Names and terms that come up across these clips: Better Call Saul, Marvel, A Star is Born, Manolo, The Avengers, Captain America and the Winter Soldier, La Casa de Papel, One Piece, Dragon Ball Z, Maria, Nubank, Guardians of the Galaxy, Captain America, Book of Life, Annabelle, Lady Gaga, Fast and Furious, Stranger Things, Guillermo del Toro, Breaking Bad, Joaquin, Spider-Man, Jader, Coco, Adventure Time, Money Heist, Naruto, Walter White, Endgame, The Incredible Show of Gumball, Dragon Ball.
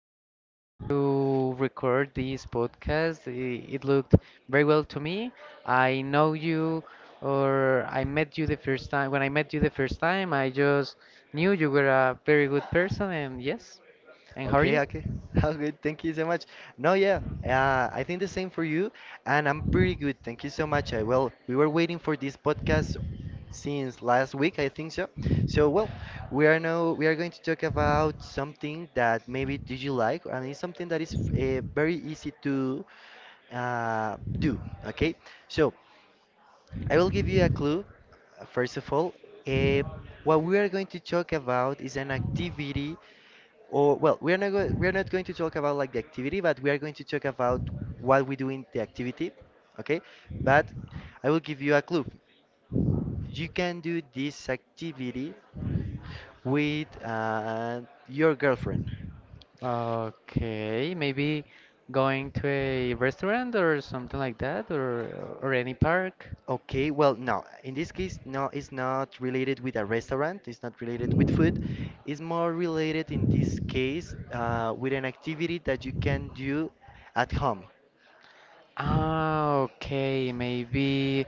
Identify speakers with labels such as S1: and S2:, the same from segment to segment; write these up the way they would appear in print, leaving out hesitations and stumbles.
S1: really wanted to record this podcast. It looked very well to me. I know you, or I met you the first time. When I met you the first time, I just knew you were a very good person, and yes. And how are
S2: Okay,
S1: you?
S2: okay. How good? Thank you so much. No, yeah, I think the same for you, and I'm pretty good. Thank you so much. Well, we were waiting for this podcast since last week, I think so. So, well, we are going to talk about something that maybe did you like, and it's something that is very easy to do. Okay, so I will give you a clue. First of all, uh, what we are going to talk about is an activity, or well, we are not going to talk about like the activity, but we are going to talk about what we do in the activity, okay? But I will give you a clue. You can do this activity with your girlfriend.
S1: Okay, maybe going to a restaurant or something like that, or any park.
S2: Okay, well, no. In this case, no, it's not related with a restaurant. It's not related with food. It's more related in this case with an activity that you can do at home.
S1: Ah, okay, maybe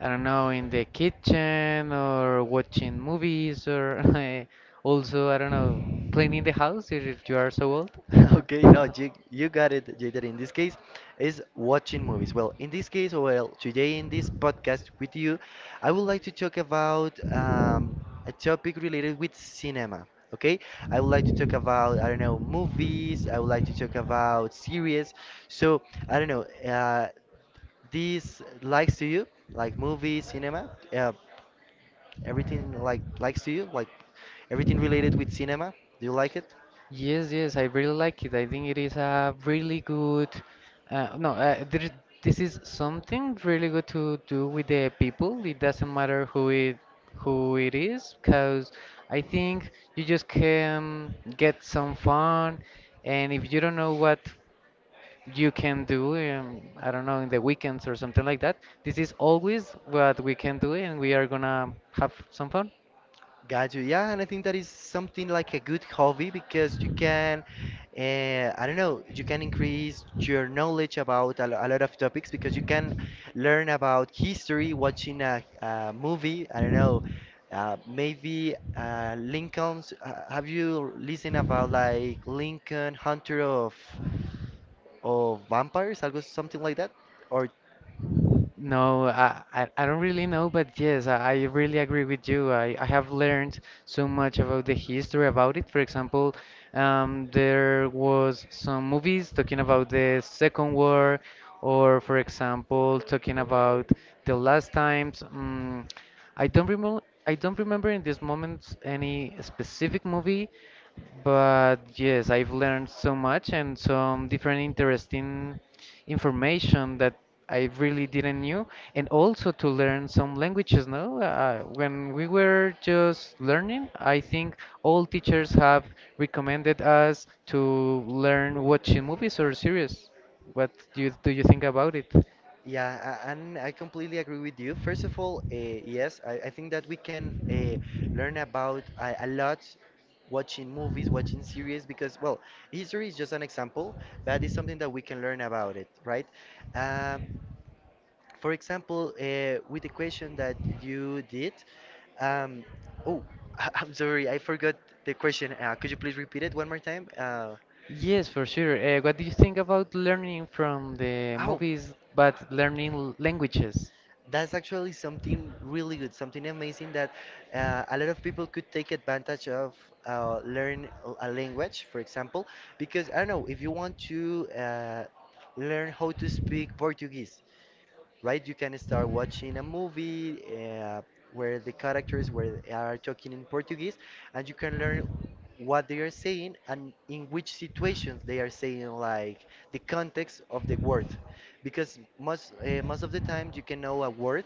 S1: I don't know in the kitchen or watching movies or also I don't know cleaning the house if you are so old.
S2: Okay, no, you got it, Jader. In this case, is watching movies. Well, in this case, well, today in this podcast with you, I would like to talk about a topic related with cinema. Okay, I would like to talk about, I don't know, movies. I would like to talk about series. So, I don't know, uh, this likes to you, like movies, cinema, everything like likes to you, like everything related with cinema. Do you like it?
S1: Yes, yes, I really like it. I think it is a really good, no, this is something really good to do with the people. It doesn't matter who it is, because I think you just can get some fun, and if you don't know what you can do, I don't know, in the weekends or something like that, this is always what we can do, and we are gonna have some fun.
S2: Got you. Yeah, and I think that is something like a good hobby because you can, I don't know, you can increase your knowledge about a lot of topics because you can learn about history watching a movie. I don't know, maybe Lincoln's. Have you listened about like Lincoln Hunter of vampires, algo something like that? Or.
S1: No, I don't really know, but yes, I really agree with you. I have learned so much about the history about it. For example, there was some movies talking about the Second War, or for example, talking about the last times. I don't remember. I don't remember in this moment any specific movie, but yes, I've learned so much and some different interesting information that I really didn't knew, and also to learn some languages. No, when we were just learning, I think all teachers have recommended us to learn watching movies or series. What do you think about it?
S2: Yeah, and I completely agree with you. First of all, yes, I think that we can learn about a lot watching movies, watching series, because, well, history is just an example, but it's something that we can learn about it, right? Um, for example, with the question that you did. um, oh, I'm sorry, I forgot the question. Could you please repeat it one more time?
S1: Yes, for sure. What do you think about learning from the
S2: Oh,
S1: movies, but learning languages?
S2: That's actually something really good, something amazing that a lot of people could take advantage of learn a language, for example, because I don't know if you want to learn how to speak Portuguese, right? You can start watching a movie where the characters were are talking in Portuguese, and you can learn what they are saying and in which situations they are saying, like the context of the word, because most of the time you can know a word,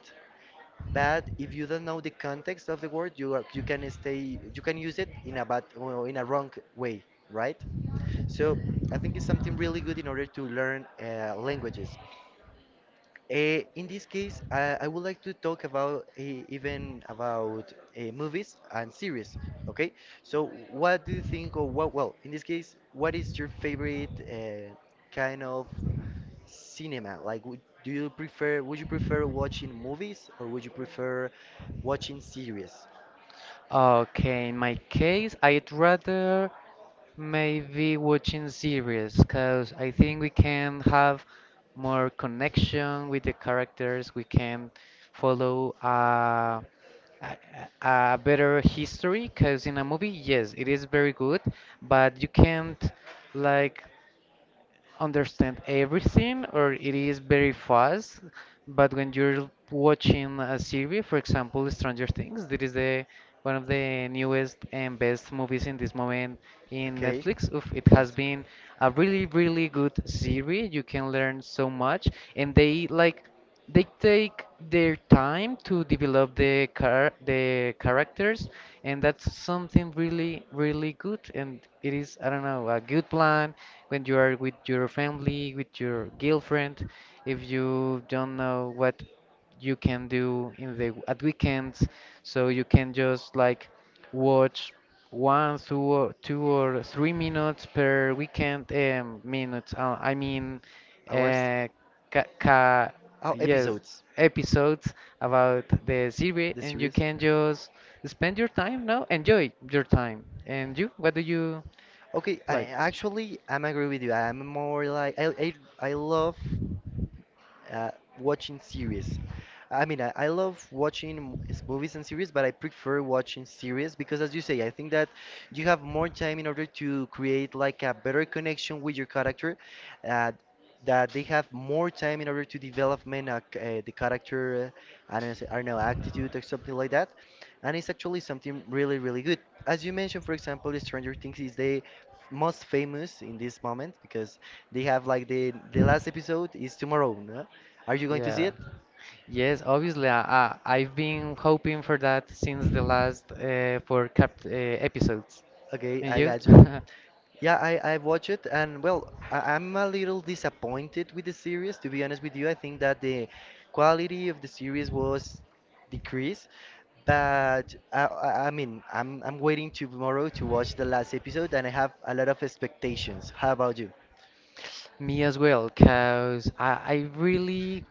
S2: but if you don't know the context of the word, you are, you can stay you can use it in a bad or in a wrong way, right? So I think it's something really good in order to learn languages. In this case, I would like to talk about even about movies and series. Okay, so what do you think, or what? Well, in this case, what is your favorite kind of cinema? Like, would you prefer watching movies, or would you prefer watching series?
S1: Okay, in my case, I'd rather maybe watching series, because I think we can have more connection with the characters. We can follow a better history, because in a movie, yes, it is very good, but you can't like understand everything, or it is very fast. But when you're watching a series, for example, Stranger Things, that is the one of the newest and best movies in this moment in
S2: Okay,
S1: Netflix. Oof, it
S2: the
S1: has
S2: most
S1: been a really, really good series. You can learn so much, and they take their time to develop the characters, and that's something really, really good. And it is, I don't know, a good plan when you are with your family, with your girlfriend, if you don't know what you can do in the at weekends, so you can just like watch one two or 2 or 3 minutes per weekend, minutes, I mean,
S2: hours,
S1: uh, ca ca
S2: oh,
S1: yes,
S2: episodes,
S1: episodes about the series,
S2: the
S1: and you
S2: series.
S1: can just spend your time, now enjoy your time. And you, what do you
S2: Okay, I
S1: like?
S2: actually I'm agree with you. I'm more like I love uh, watching series. I mean, I love watching movies and series, but I prefer watching series because, as you say, I think that you have more time in order to create like a better connection with your character. Uh, that they have more time in order to development the character, I don't know, attitude or something like that. And it's actually something really, really good. As you mentioned, for example, the Stranger Things is the most famous in this moment because they have like the last episode is tomorrow, no? Are you going to see
S1: Yeah.
S2: it?
S1: Yes, obviously, I've been hoping for that since the last four cap episodes.
S2: Okay,
S1: And
S2: I
S1: you?
S2: got you. Yeah, I watch it, and well, I'm a little disappointed with the series, to be honest with you. I think that the quality of the series was decreased, but I mean, I'm waiting tomorrow to watch the last episode and I have a lot of expectations. How about you?
S1: Me as well, cause I really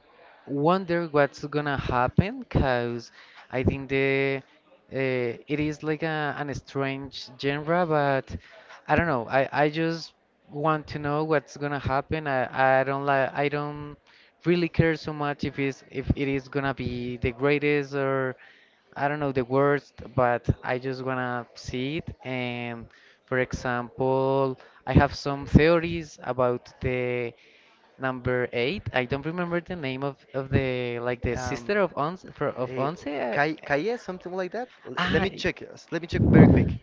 S1: wonder what's gonna happen, cause I think the it is like an strange genre, but I don't know. I just want to know what's gonna happen. I don't like I don't really care so much if it's if it is gonna be the greatest, or I don't know the words, but I just wanna see it. And for example, I have some theories about the number eight. I don't remember the name of the
S2: Um,
S1: sister of Ons for of
S2: eh,
S1: Once.
S2: Kai Kaye, something like that? Let
S1: Ah,
S2: me check. Let me check very quick.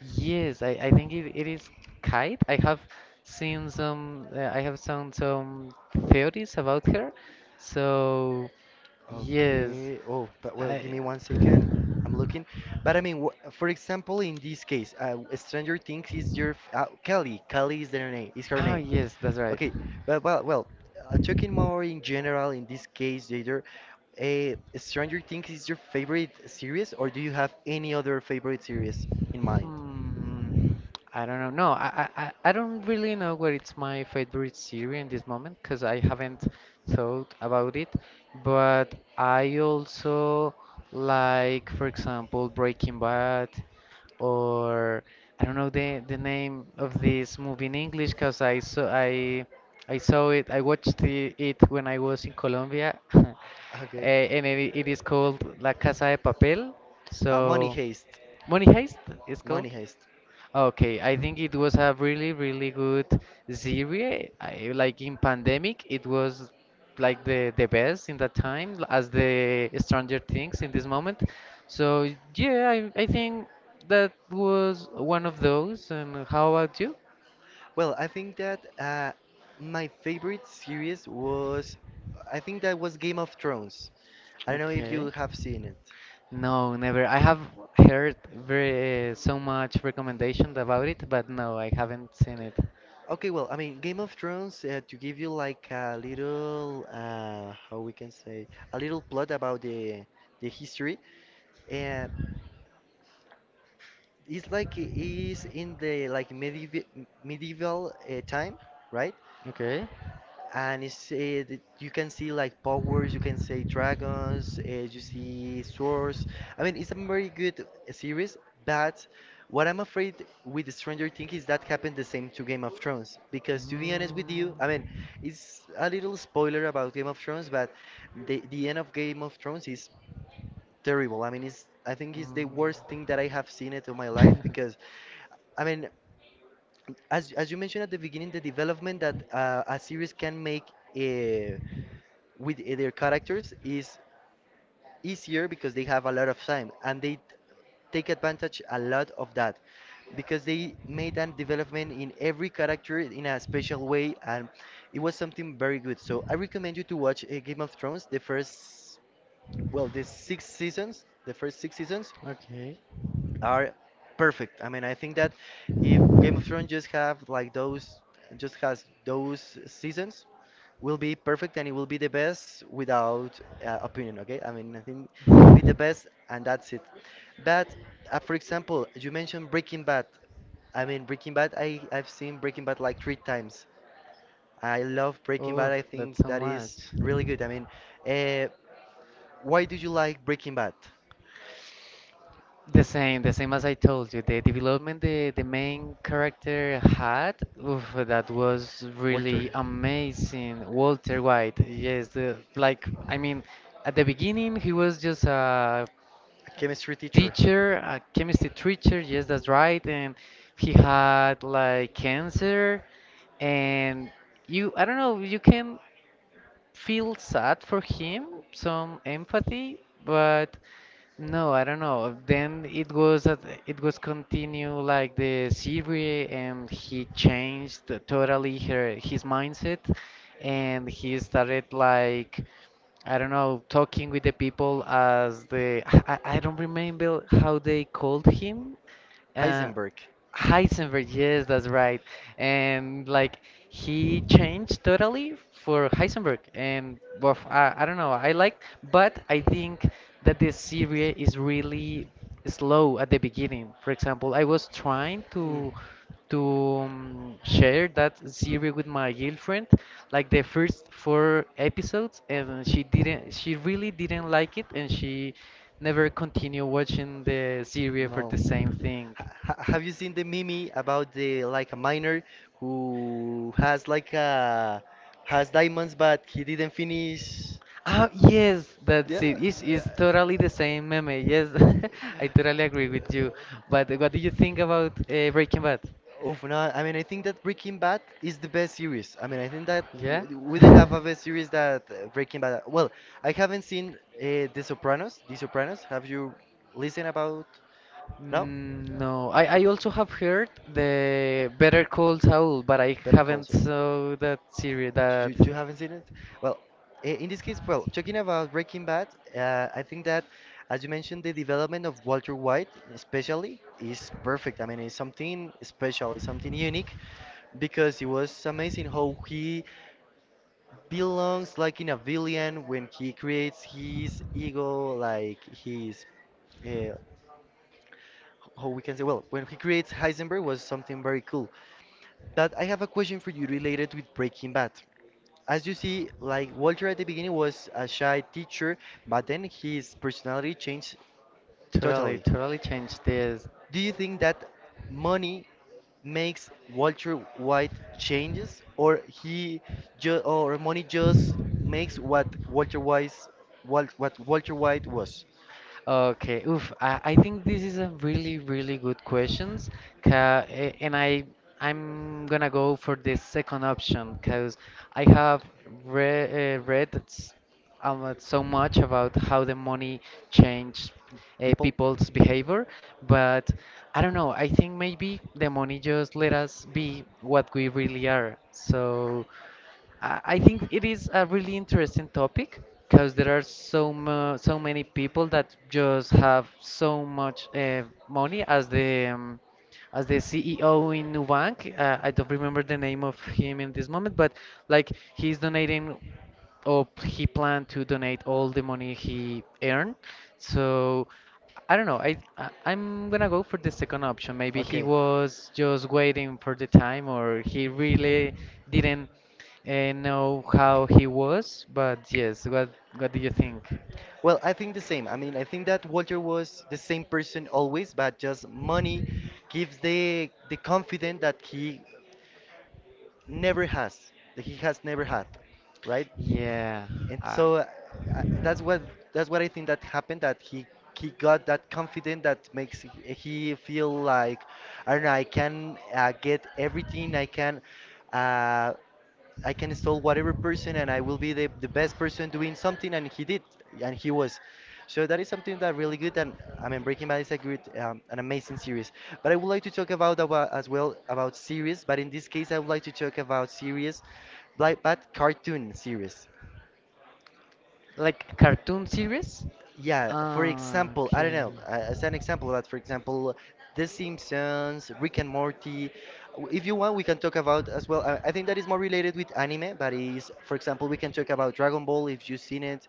S1: yes, I think it is Kite. I have seen some theories about her. So yes,
S2: Okay. Oh, but well,
S1: I.
S2: give me 1 second. I'm looking. But I mean, wh for example, in this case, Stranger Things is your f Kelly. Kelly is their name. Is her
S1: Ah,
S2: name.
S1: yes, that's right.
S2: Okay. But well, talking more in general, in this case, Jader, Stranger Things is your favorite series, or do you have any other favorite series in mind?
S1: Hmm. I don't know. No, I don't really know what it's my favorite series in this moment because I haven't thought about it. But I also like, for example, Breaking Bad, or I don't know the name of this movie in English because I saw it. I watched it when I was in Colombia,
S2: Okay.
S1: and it is called La Casa de Papel.
S2: Money
S1: So.
S2: Heist.
S1: Money Heist is called.
S2: Money Heist.
S1: Okay, I think it was a really, really good series. Like in pandemic, it was like the best in that time, as the Stranger Things in this moment. So yeah, I think that was one of those. And how about you?
S2: Well, I think that my favorite series was, I think that was Game of Thrones. I don't know if
S1: Okay.
S2: you have seen it.
S1: No, never. I have heard very so much recommendation about it, but no, I haven't seen it.
S2: Okay, well, I mean, Game of Thrones, to give you like a little, how we can say, a little plot about the history, uh, it's like it is in the like medieval time, right?
S1: Okay.
S2: And it's you can see like powers, you can see dragons, you see swords. I mean, it's a very good series, but what I'm afraid with Stranger Things is that happened the same to Game of Thrones. Because to be honest with you, I mean,
S1: Mm.
S2: it's a little spoiler about Game of Thrones, but the end of Game of Thrones is terrible. I mean, it's I think it's the worst thing that I have seen it in my life, because I mean, as you mentioned at the beginning, the development that a series can make. Uh, with their characters is easier because they have a lot of time and they take advantage a lot of that, because they made a development in every character in a special way and it was something very good. So I recommend you to watch Game of Thrones. The first well the six seasons the first six seasons
S1: Okay.
S2: are perfect. I mean, I think that if Game of Thrones just has those seasons, will be perfect and it will be the best without opinion. Okay, I mean, I think it will be the best, and that's it. But for example, you mentioned Breaking Bad. I mean, Breaking Bad. I've seen Breaking Bad like three times. I love Breaking
S1: Oh,
S2: Bad. I
S1: that's
S2: think
S1: so
S2: that is
S1: much.
S2: really good. I mean, uh, why do you like Breaking Bad?
S1: The same as I told you, the development the main character had, oof, that was
S2: Walter?
S1: really amazing. Walter White, yes, like, I mean, at the beginning he was just a
S2: A chemistry teacher.
S1: teacher, a chemistry teacher, yes, that's right, and he had like cancer, and you, I don't know, you can feel sad for him, some empathy, but no, I don't know. Then it was it was continue like the series, and he changed totally her his mindset, and he started like I don't know talking with the people as the I don't remember how they called him. Uh,
S2: Heisenberg.
S1: Heisenberg, yes, that's right. And like he changed totally for Heisenberg. And well, I don't know, I like, but I think that this series is really slow at the beginning. For example, I was trying
S2: Mm,
S1: to share that series with my girlfriend, like the first four episodes, and she really didn't like it, and she never continued watching the series for
S2: no.
S1: the same thing.
S2: Have you seen the meme about the like a miner who has like a has diamonds but he didn't finish?
S1: Oh, yes,
S2: Yeah.
S1: that's it. It's totally the same meme. Yes, I totally agree with you. But what do you think about Breaking Bad?
S2: Oh, no, I mean, I think that Breaking Bad is the best series. I mean, I think that
S1: Yeah?
S2: w we didn't have a best series that Breaking Bad. Well, I haven't seen The Sopranos. The Sopranos. Have you listened about? No?
S1: Mm, no, I also have heard the Better Call Saul, but I
S2: Better Call
S1: haven't
S2: Saul.
S1: saw that series. That
S2: You haven't seen it? Well, in this case, well, talking about Breaking Bad, I think that, as you mentioned, the development of Walter White, especially, is perfect. I mean, it's something special, it's something unique, because it was amazing how he belongs like in a villain when he creates his ego, like his uh, how we can say, well, when he creates Heisenberg was something very cool. But I have a question for you related with Breaking Bad. As you see, like Walter at the beginning was a shy teacher, but then his personality changed
S1: totally,
S2: totally.
S1: totally changed this.
S2: Do you think that money makes Walter White changes, or he ju or money just makes what Walter White was?
S1: Okay, oof. I think this is a really, really good questions. And I'm gonna go for the second option because I have re read so much about how the money changed
S2: People,
S1: people's behavior, but I don't know. I think maybe the money just let us be what we really are. So. I think it is a really interesting topic because there are so many people that just have so much money, as the CEO in Nubank. I don't remember the name of him in this moment, but like he's donating oh, he planned to donate all the money he earned. So I don't know. I'm gonna go for the second option. Maybe he
S2: okay.
S1: was just waiting for the time, or he really didn't know how he was. But yes, what do you think?
S2: Well, I think the same. I mean, I think that Walter was the same person always, but just money gives the confidence that he never has that he has never had, right?
S1: Yeah,
S2: And
S1: uh,
S2: so, uh, that's what that's what I think that happened, that he got that confident that makes he feel like, I don't know, I can get everything, I can uh, install whatever person and I will be the best person doing something, and he did, and he was. So that is something that really good, and I mean Breaking Bad is a good an amazing series. But I would like to talk about as well about series, but in this case I would like to talk about series like but cartoon series.
S1: like cartoon series.
S2: Yeah, for
S1: Ah,
S2: example, I don't
S1: okay.
S2: know, as an example, but for example, The Simpsons, Rick and Morty. If you want, we can talk about as well. I think that is more related with anime, but is, for example, we can talk about Dragon Ball if you've seen it,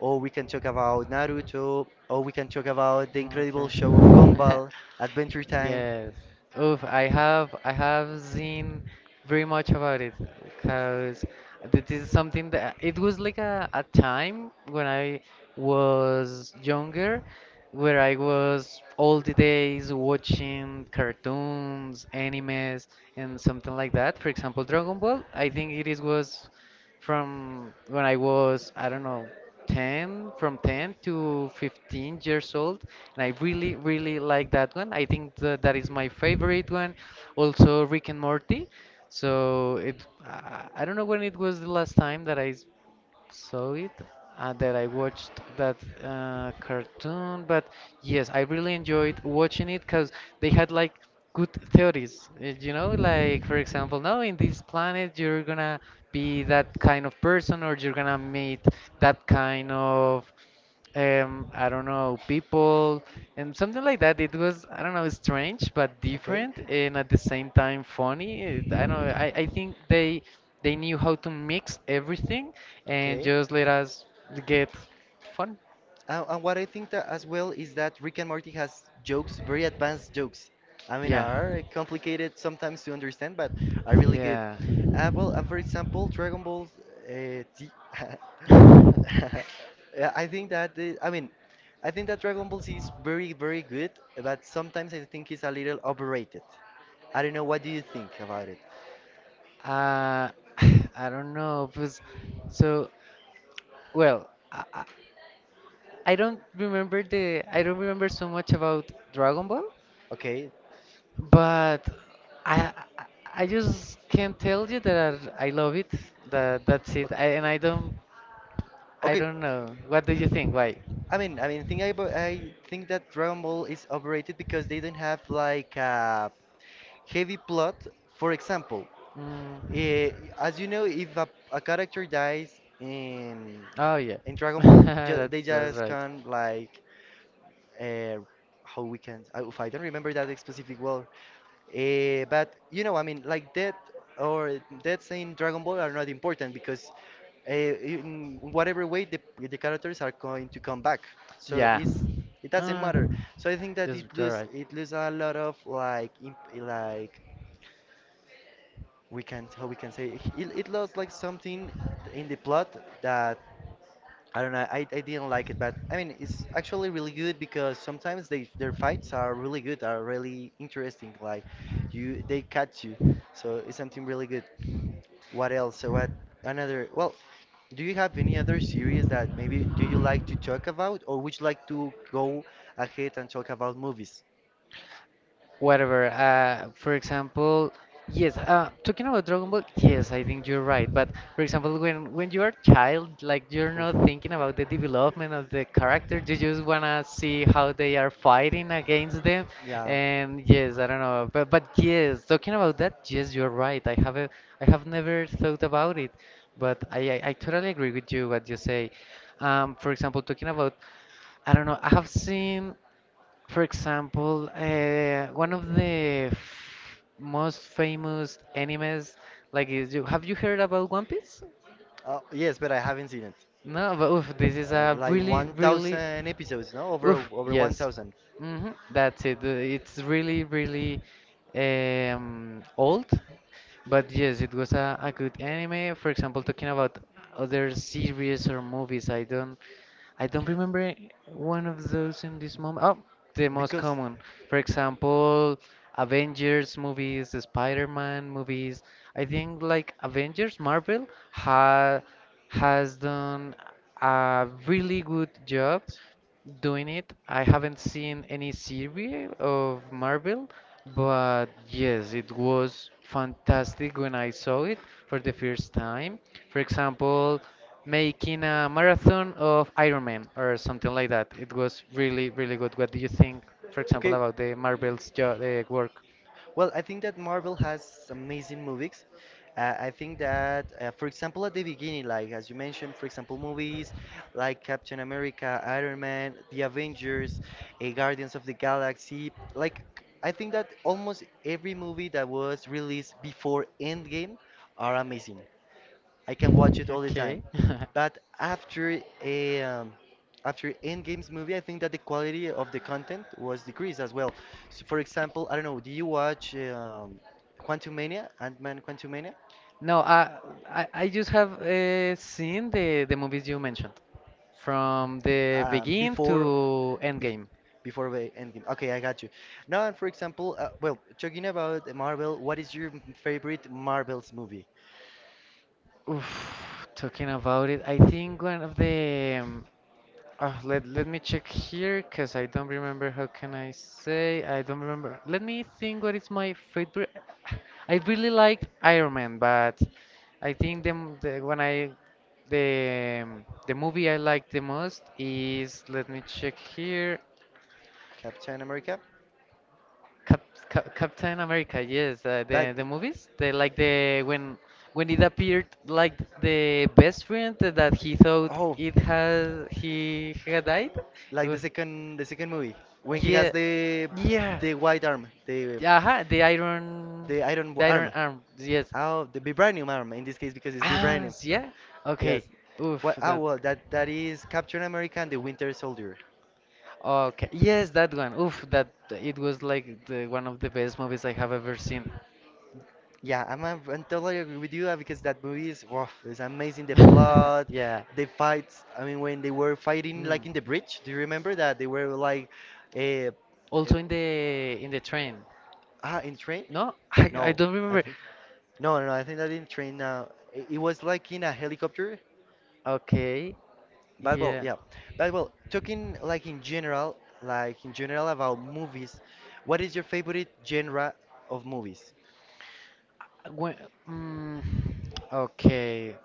S2: or we can talk about Naruto, or we can talk about The Incredible
S1: Okay.
S2: Show of Gumball, Adventure Time.
S1: Yes. Oof, I have seen very much about it because this is something that it was like a time when I was younger where I was all the days watching cartoons, animes and something like that. For example, Dragon Ball, I think it is was from when I was, I don't know, 10, from 10 to 15 years old, and I really, really like that one. I think that is my favorite one. Also Rick and Morty. So it i I don't know when it was the last time that I saw it and that I watched that cartoon. But yes, I really enjoyed watching it because they had like good theories. You know, like for example, no, in this planet you're gonna be that kind of person, or you're gonna meet that kind of, I don't know, people, and something like that. It was, I don't know, strange but
S2: Okay,
S1: different and at the same time funny. I don't know, I think they knew how to mix everything and
S2: okay.
S1: just let us get fun.
S2: And what I think that as well is that Rick and Morty has jokes, very advanced jokes. I mean,
S1: Yeah.
S2: are complicated sometimes to understand, but are really good.
S1: Yeah.
S2: Well, and for example, Dragon Ball uh, Z. Yeah, I think that I mean, I think that Dragon Ball Z is very, very good, but sometimes I think it's a little overrated. I don't know. What do you think about it?
S1: Uh, I don't know. Because, so, well, I don't remember the. I don't remember so much about Dragon Ball.
S2: Okay.
S1: But I I I just can't tell you that I love it. That's it. And I don't I
S2: Okay.
S1: don't know. What do you
S2: Okay.
S1: think? Why?
S2: I think that Dragon Ball is overrated because they don't have like a heavy plot. For example,
S1: Mm.
S2: eh, as you know, if a character dies
S1: Oh yeah.
S2: in Dragon Ball, ju
S1: That's
S2: they
S1: that's
S2: just
S1: right.
S2: can like uh, how we can. If I don't remember that specific word, but you know, I mean, like death or deaths in Dragon Ball are not important because in whatever way the characters are going to come back, so
S1: Yeah.
S2: it's it doesn't
S1: Uh,
S2: matter. So I think that
S1: just you're right.
S2: it lose a lot of like like we can how we can say it, it lost like something in the plot that I don't know. I didn't like it, but I mean, it's actually really good because sometimes they their fights are really good, are really interesting. Like they catch you, so it's something really good. What else? So what another? Well, do you have any other series that maybe do you like to talk about, or would you like to go ahead and talk about movies?
S1: Whatever. For example, yes. Talking about Dragon Ball, yes, I think you're right. But for example, when you are a child, like you're not
S2: Oof.
S1: thinking about the development of the character. You just wanna see how they are fighting against them.
S2: Yeah.
S1: And yes, I don't know. But yes, talking about that, yes, you're right. I have never thought about it. But I totally agree with you what you say. For example, talking about, I don't know, I have seen for example, one of the f most famous animes, like is you have you heard about One Piece?
S2: Yes, but I haven't seen it.
S1: No, but oof, this is a
S2: Like
S1: really, really,
S2: 1,000 episodes, no? Over
S1: oof,
S2: over
S1: yes,
S2: 1,000.
S1: that's it. It's really, really old, but yes, it was a good anime. For example, talking about other series or movies, I don't. I don't remember one of those in this moment. Oh, the most
S2: Because
S1: common. For example, Avengers movies, the Spider-Man movies. I think like Avengers, Marvel ha has done a really good job doing it. I haven't seen any series of Marvel, but yes, it was fantastic when I saw it for the first time. For example, making a marathon of Iron Man or something like that. It was really, really good. What do you think, for example,
S2: okay.
S1: about the Marvel's jo work?
S2: Well, I think that Marvel has amazing movies. I think that, for example, at the beginning, like as you mentioned, for example, movies like Captain America, Iron Man, The Avengers, Guardians of the Galaxy. Like, I think that almost every movie that was released before Endgame are amazing. I can watch it all the
S1: Okay.
S2: time. But after Endgame's movie, I think that the quality of the content was decreased as well. So, for example, I don't know, do you watch Quantumania, Ant-Man Quantumania?
S1: No, I just have seen the movies you mentioned from the begin
S2: Before,
S1: to
S2: bef
S1: Endgame.
S2: before the Endgame. Okay, I got you. Now, and for example, well, talking about Marvel, what is your favorite Marvel's movie?
S1: Oof, talking about it, I think one of the let me check here because I don't remember. How can I say? I don't remember. Let me think. What is my favorite? I really liked Iron Man, but I think the, m- the when I the movie I like the most is let me check here.
S2: Captain America?
S1: Cap, Captain America, yes,
S2: But,
S1: the movies, the like the when it appeared like the best friend that he thought
S2: oh,
S1: it has he had died. It
S2: like
S1: was
S2: the second movie, when he has
S1: yeah, yeah,
S2: the white arm, the
S1: aha,
S2: The iron w-
S1: the
S2: arm.
S1: iron arm, yes,
S2: Oh, the vibranium arm in this case because it's
S1: ah,
S2: vibranium.
S1: s- yeah, okay,
S2: Yes.
S1: oof,
S2: What? Oh,
S1: that,
S2: well, that that is Captain America and the Winter Soldier.
S1: okay, yes, that one, oof, that it was like the one of the best movies I have ever seen.
S2: Yeah, I totally agree with you because that movie is wow, it's amazing. The plot,
S1: Yeah.
S2: the fights. I mean, when they were fighting
S1: Mm.
S2: like in the bridge, do you remember that they were like, eh, eh,
S1: Also in the train.
S2: in train?
S1: No, I
S2: No,
S1: don't
S2: I
S1: remember.
S2: think no, no, no. I think that in train. It, it was like in a helicopter.
S1: Okay,
S2: But well,
S1: yeah.
S2: yeah. But well, talking like in general about movies, what is your favorite genre of movies?
S1: When, mm, okay,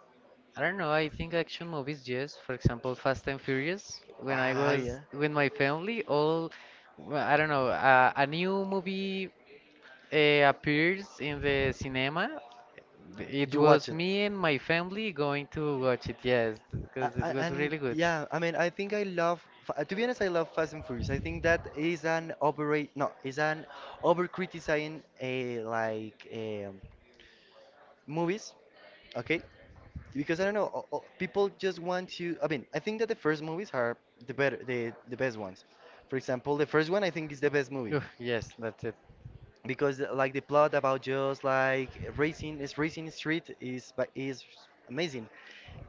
S1: I don't know. I think action movies, yes. For example, Fast and Furious. When I
S2: Ah,
S1: was
S2: yeah.
S1: with my family, all well, I don't know. A new movie appears in the cinema. It
S2: You
S1: was
S2: watch it.
S1: me and my family going to watch it. Yes, because it was
S2: And
S1: really good.
S2: yeah, I mean, I think I love. Fa- To be honest, I love Fast and Furious. I think that is an overrate, no, is an over criticizing a like movies. Okay, because I don't know, people just want to. I mean, I think that the first movies are the best ones. For example, the first one I think is the best movie.
S1: Ugh, yes, that's it.
S2: Because like the plot about just like racing street is amazing.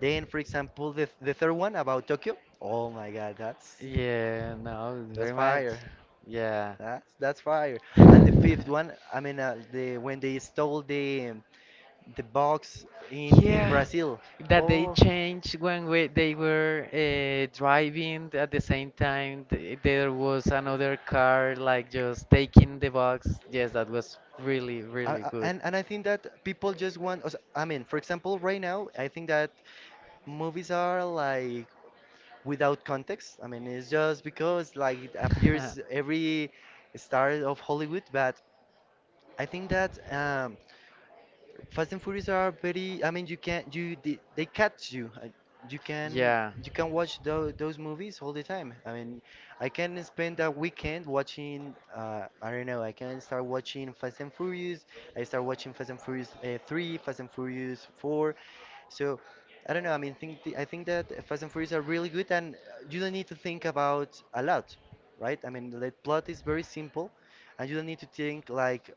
S2: Then for example the third one about Tokyo, oh my god,
S1: Yeah, no,
S2: that's
S1: very much.
S2: fire,
S1: Yeah.
S2: that's fire. And the fifth one, I mean, the when they stole the box in
S1: Yeah,
S2: Brazil.
S1: that they
S2: Oh,
S1: changed when we, they were driving at the same time. There was another car like just taking the box. Yes, that was really, really good.
S2: and I think that people just want. Os- I mean, for example, right now, I think that movies are like without context. I mean, it's just because like it appears every star of Hollywood. But I think that Fast and Furious are very. I mean, you can you they catch you. You can
S1: Yeah.
S2: you can watch those movies all the time. I mean, I can spend a weekend watching. I don't know. I can start watching Fast and Furious. I start watching Fast and Furious three, Fast and Furious four. So I don't know. I think that Fast and Furious are really good, and you don't need to think about a lot, right? I mean, the plot is very simple, and you don't need to think like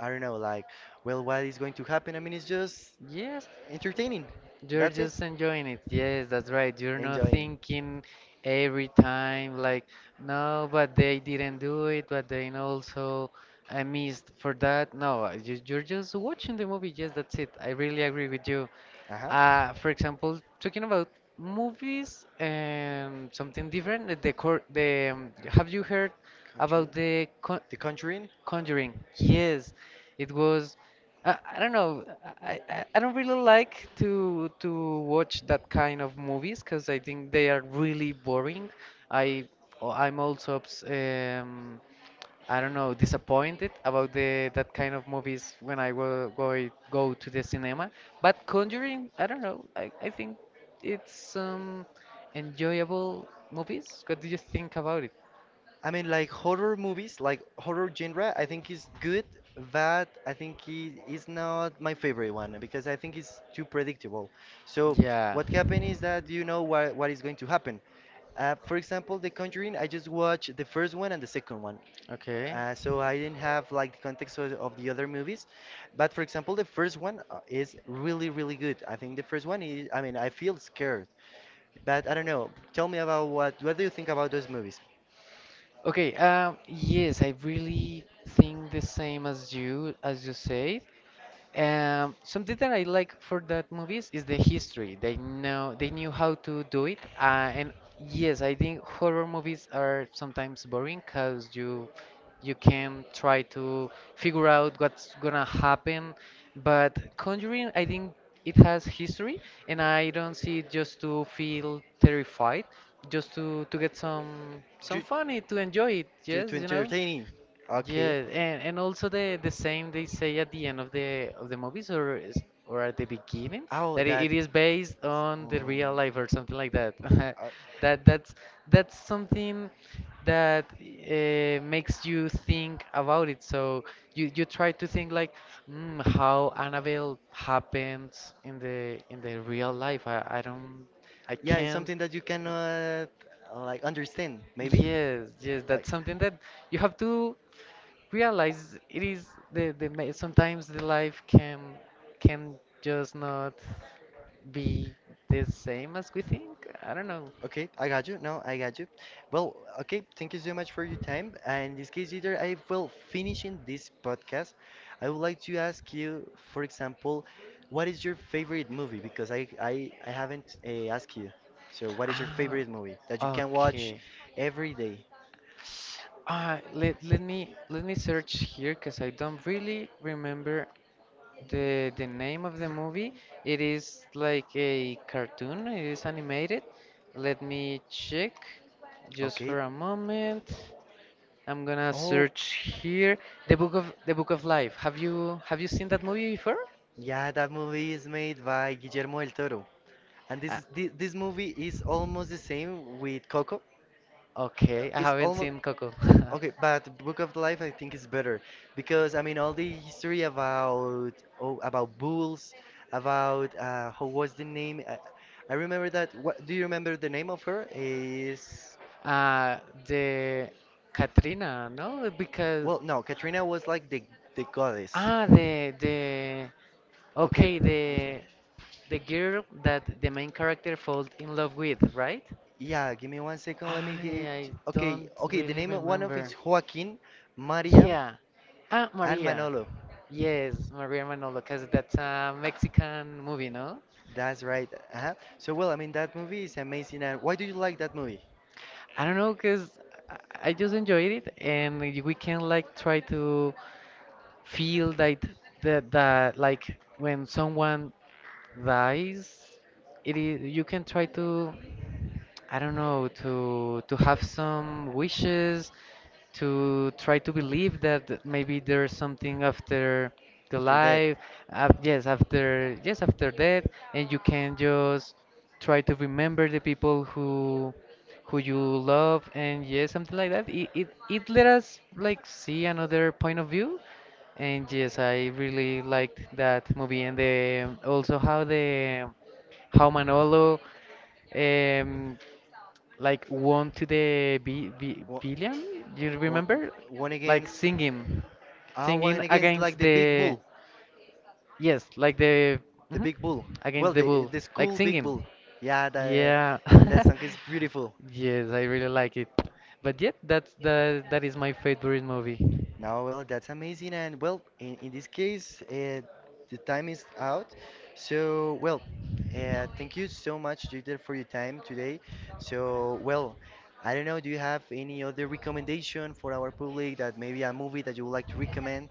S2: I don't know, like, well, what is going to happen? I mean, it's just
S1: Yes,
S2: entertaining.
S1: you're
S2: That's it.
S1: just enjoying it. Yes, that's right. You're not
S2: Enjoying.
S1: thinking every time like, no, but they didn't do it, but then also I missed for that. No, you're just watching the movie. Yes, that's it. I really agree with you.
S2: Uh huh.
S1: For example, talking about movies and something different, the cor the have you heard about
S2: Conjuring.
S1: the co
S2: The Conjuring.
S1: Conjuring. Yes, it was. I don't know. I don't really like to watch that kind of movies because I think they are really boring. I oh, I'm also I don't know, disappointed about the that kind of movies when I will go to the cinema. But Conjuring, I don't know. I think it's enjoyable movies. What do you think about it?
S2: I mean, like horror movies, like horror genre, I think is good, but I think it is not my favorite one because I think it's too predictable. So,
S1: Yeah.
S2: what happened is that you know what is going to happen. For example, The Conjuring, I just watched the first one and the second one.
S1: Okay.
S2: So I didn't have like the context of the other movies, but for example, the first one is really, really good. I think the first one is, I mean, I feel scared, but I don't know. Tell me about what do you think about those movies?
S1: Okay, yes, I really think the same as you said. Something that I like for that movies is the history. They knew how to do it, and yes, I think horror movies are sometimes boring because you can try to figure out what's gonna happen. But Conjuring, I think it has history, and I don't see it just to feel terrified, just to get
S2: Do
S1: some funny to enjoy it.
S2: due to
S1: Yes, you know.
S2: entertaining. Okay.
S1: Yeah, and also the same they say at the end of the movies or is, or at the beginning
S2: Oh,
S1: that
S2: that,
S1: it is based on the
S2: um,
S1: real life or something like that.
S2: uh,
S1: That that's that's something that makes you think about it. So you try to think like mm, how Annabelle happens in the real life. I don't. I
S2: yeah, it's
S1: can't.
S2: something that you cannot like understand, maybe.
S1: Yes, yes,
S2: Uh,
S1: that's something that you have to realize it is the sometimes the life can just not be the same as we think. I don't know.
S2: Okay, I got you. No, I got you. Well, okay, thank you so much for your time. And in this case, either I will finishing this podcast. I would like to ask you, for example, what is your favorite movie? Because I haven't asked you. So, what is your
S1: Ah,
S2: favorite movie that you can watch
S1: okay.
S2: every day?
S1: Ah, let let me search here because I don't really remember the name of the movie. It is like a cartoon. It is animated. Let me check just for
S2: Okay.
S1: a moment. I'm gonna
S2: Oh,
S1: search here the book of life. Have you seen that movie before?
S2: yeah, that movie is made by Guillermo del Toro. And
S1: Uh,
S2: this movie is almost the same with Coco.
S1: okay, I
S2: It's
S1: haven't
S2: almost.
S1: seen Coco.
S2: Okay, but the Book of Life I think is better because I mean all the history about oh about bulls, about who was the name? I remember that. What do you remember the name of her? Is
S1: Uh, the Katrina, no? Because
S2: well no, Katrina was like the goddess.
S1: ah, the
S2: Okay,
S1: okay, the girl that the main character falls in love with, right?
S2: yeah. Give me one second. Let me get.
S1: I
S2: Okay,
S1: don't
S2: okay. The
S1: really
S2: name of one of
S1: remember.
S2: it's Joaquin, Maria,
S1: Yeah. Ah,
S2: and
S1: Maria.
S2: Manolo.
S1: Yes, Maria Manolo, because that's a Mexican movie, no?
S2: That's right. Uh-huh. So well, I mean that movie is amazing. And why do you like that movie?
S1: I don't know, because I just enjoyed it, and we can like try to feel that like when someone dies, it is you can try to I don't know to have some wishes to try to believe that maybe there's something after the
S2: After that.
S1: life, af yes, after yes, after death, and you can just try to remember the people who you love, and yes, something like that. It let us like see another point of view, and yes, I really liked that movie, and the, also how the how Manolo um, like won to the
S2: Wha-
S1: villain. You
S2: One
S1: remember?
S2: one
S1: Like
S2: against
S1: singing,
S2: ah
S1: singing
S2: one against like
S1: against
S2: the big
S1: the
S2: bull,
S1: yes, like the
S2: the
S1: mhm,
S2: big bull.
S1: against
S2: Well,
S1: the bull,
S2: the
S1: like
S2: school big bull.
S1: singing.
S2: Yeah, the
S1: Yeah.
S2: that song is beautiful.
S1: Yes, I really like it. But yet, that is my favorite movie.
S2: No, well, that's amazing. And well, in this case, the time is out. So well, thank you so much, Jeter, for your time today. So well, I don't know. Do you have any other recommendation for our public that maybe a movie that you would like to recommend?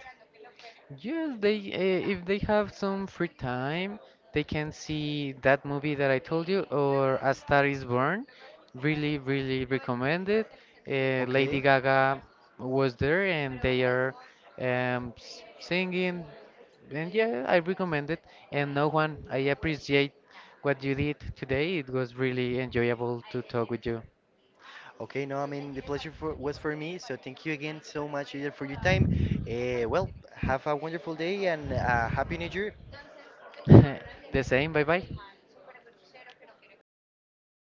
S1: Yes, they if they have some free time, they can see that movie that I told you or A Star is Born. Really, really recommend it. Lady
S2: Okay.
S1: Gaga was there and they are singing. And yeah, I recommend it. And no one, I appreciate what you did today. It was really enjoyable to talk with you.
S2: Okay, no, I mean, the pleasure was for me. So thank you again so much, Eder, for your time. Well, have a wonderful day and a happy new year.
S1: The same, bye bye.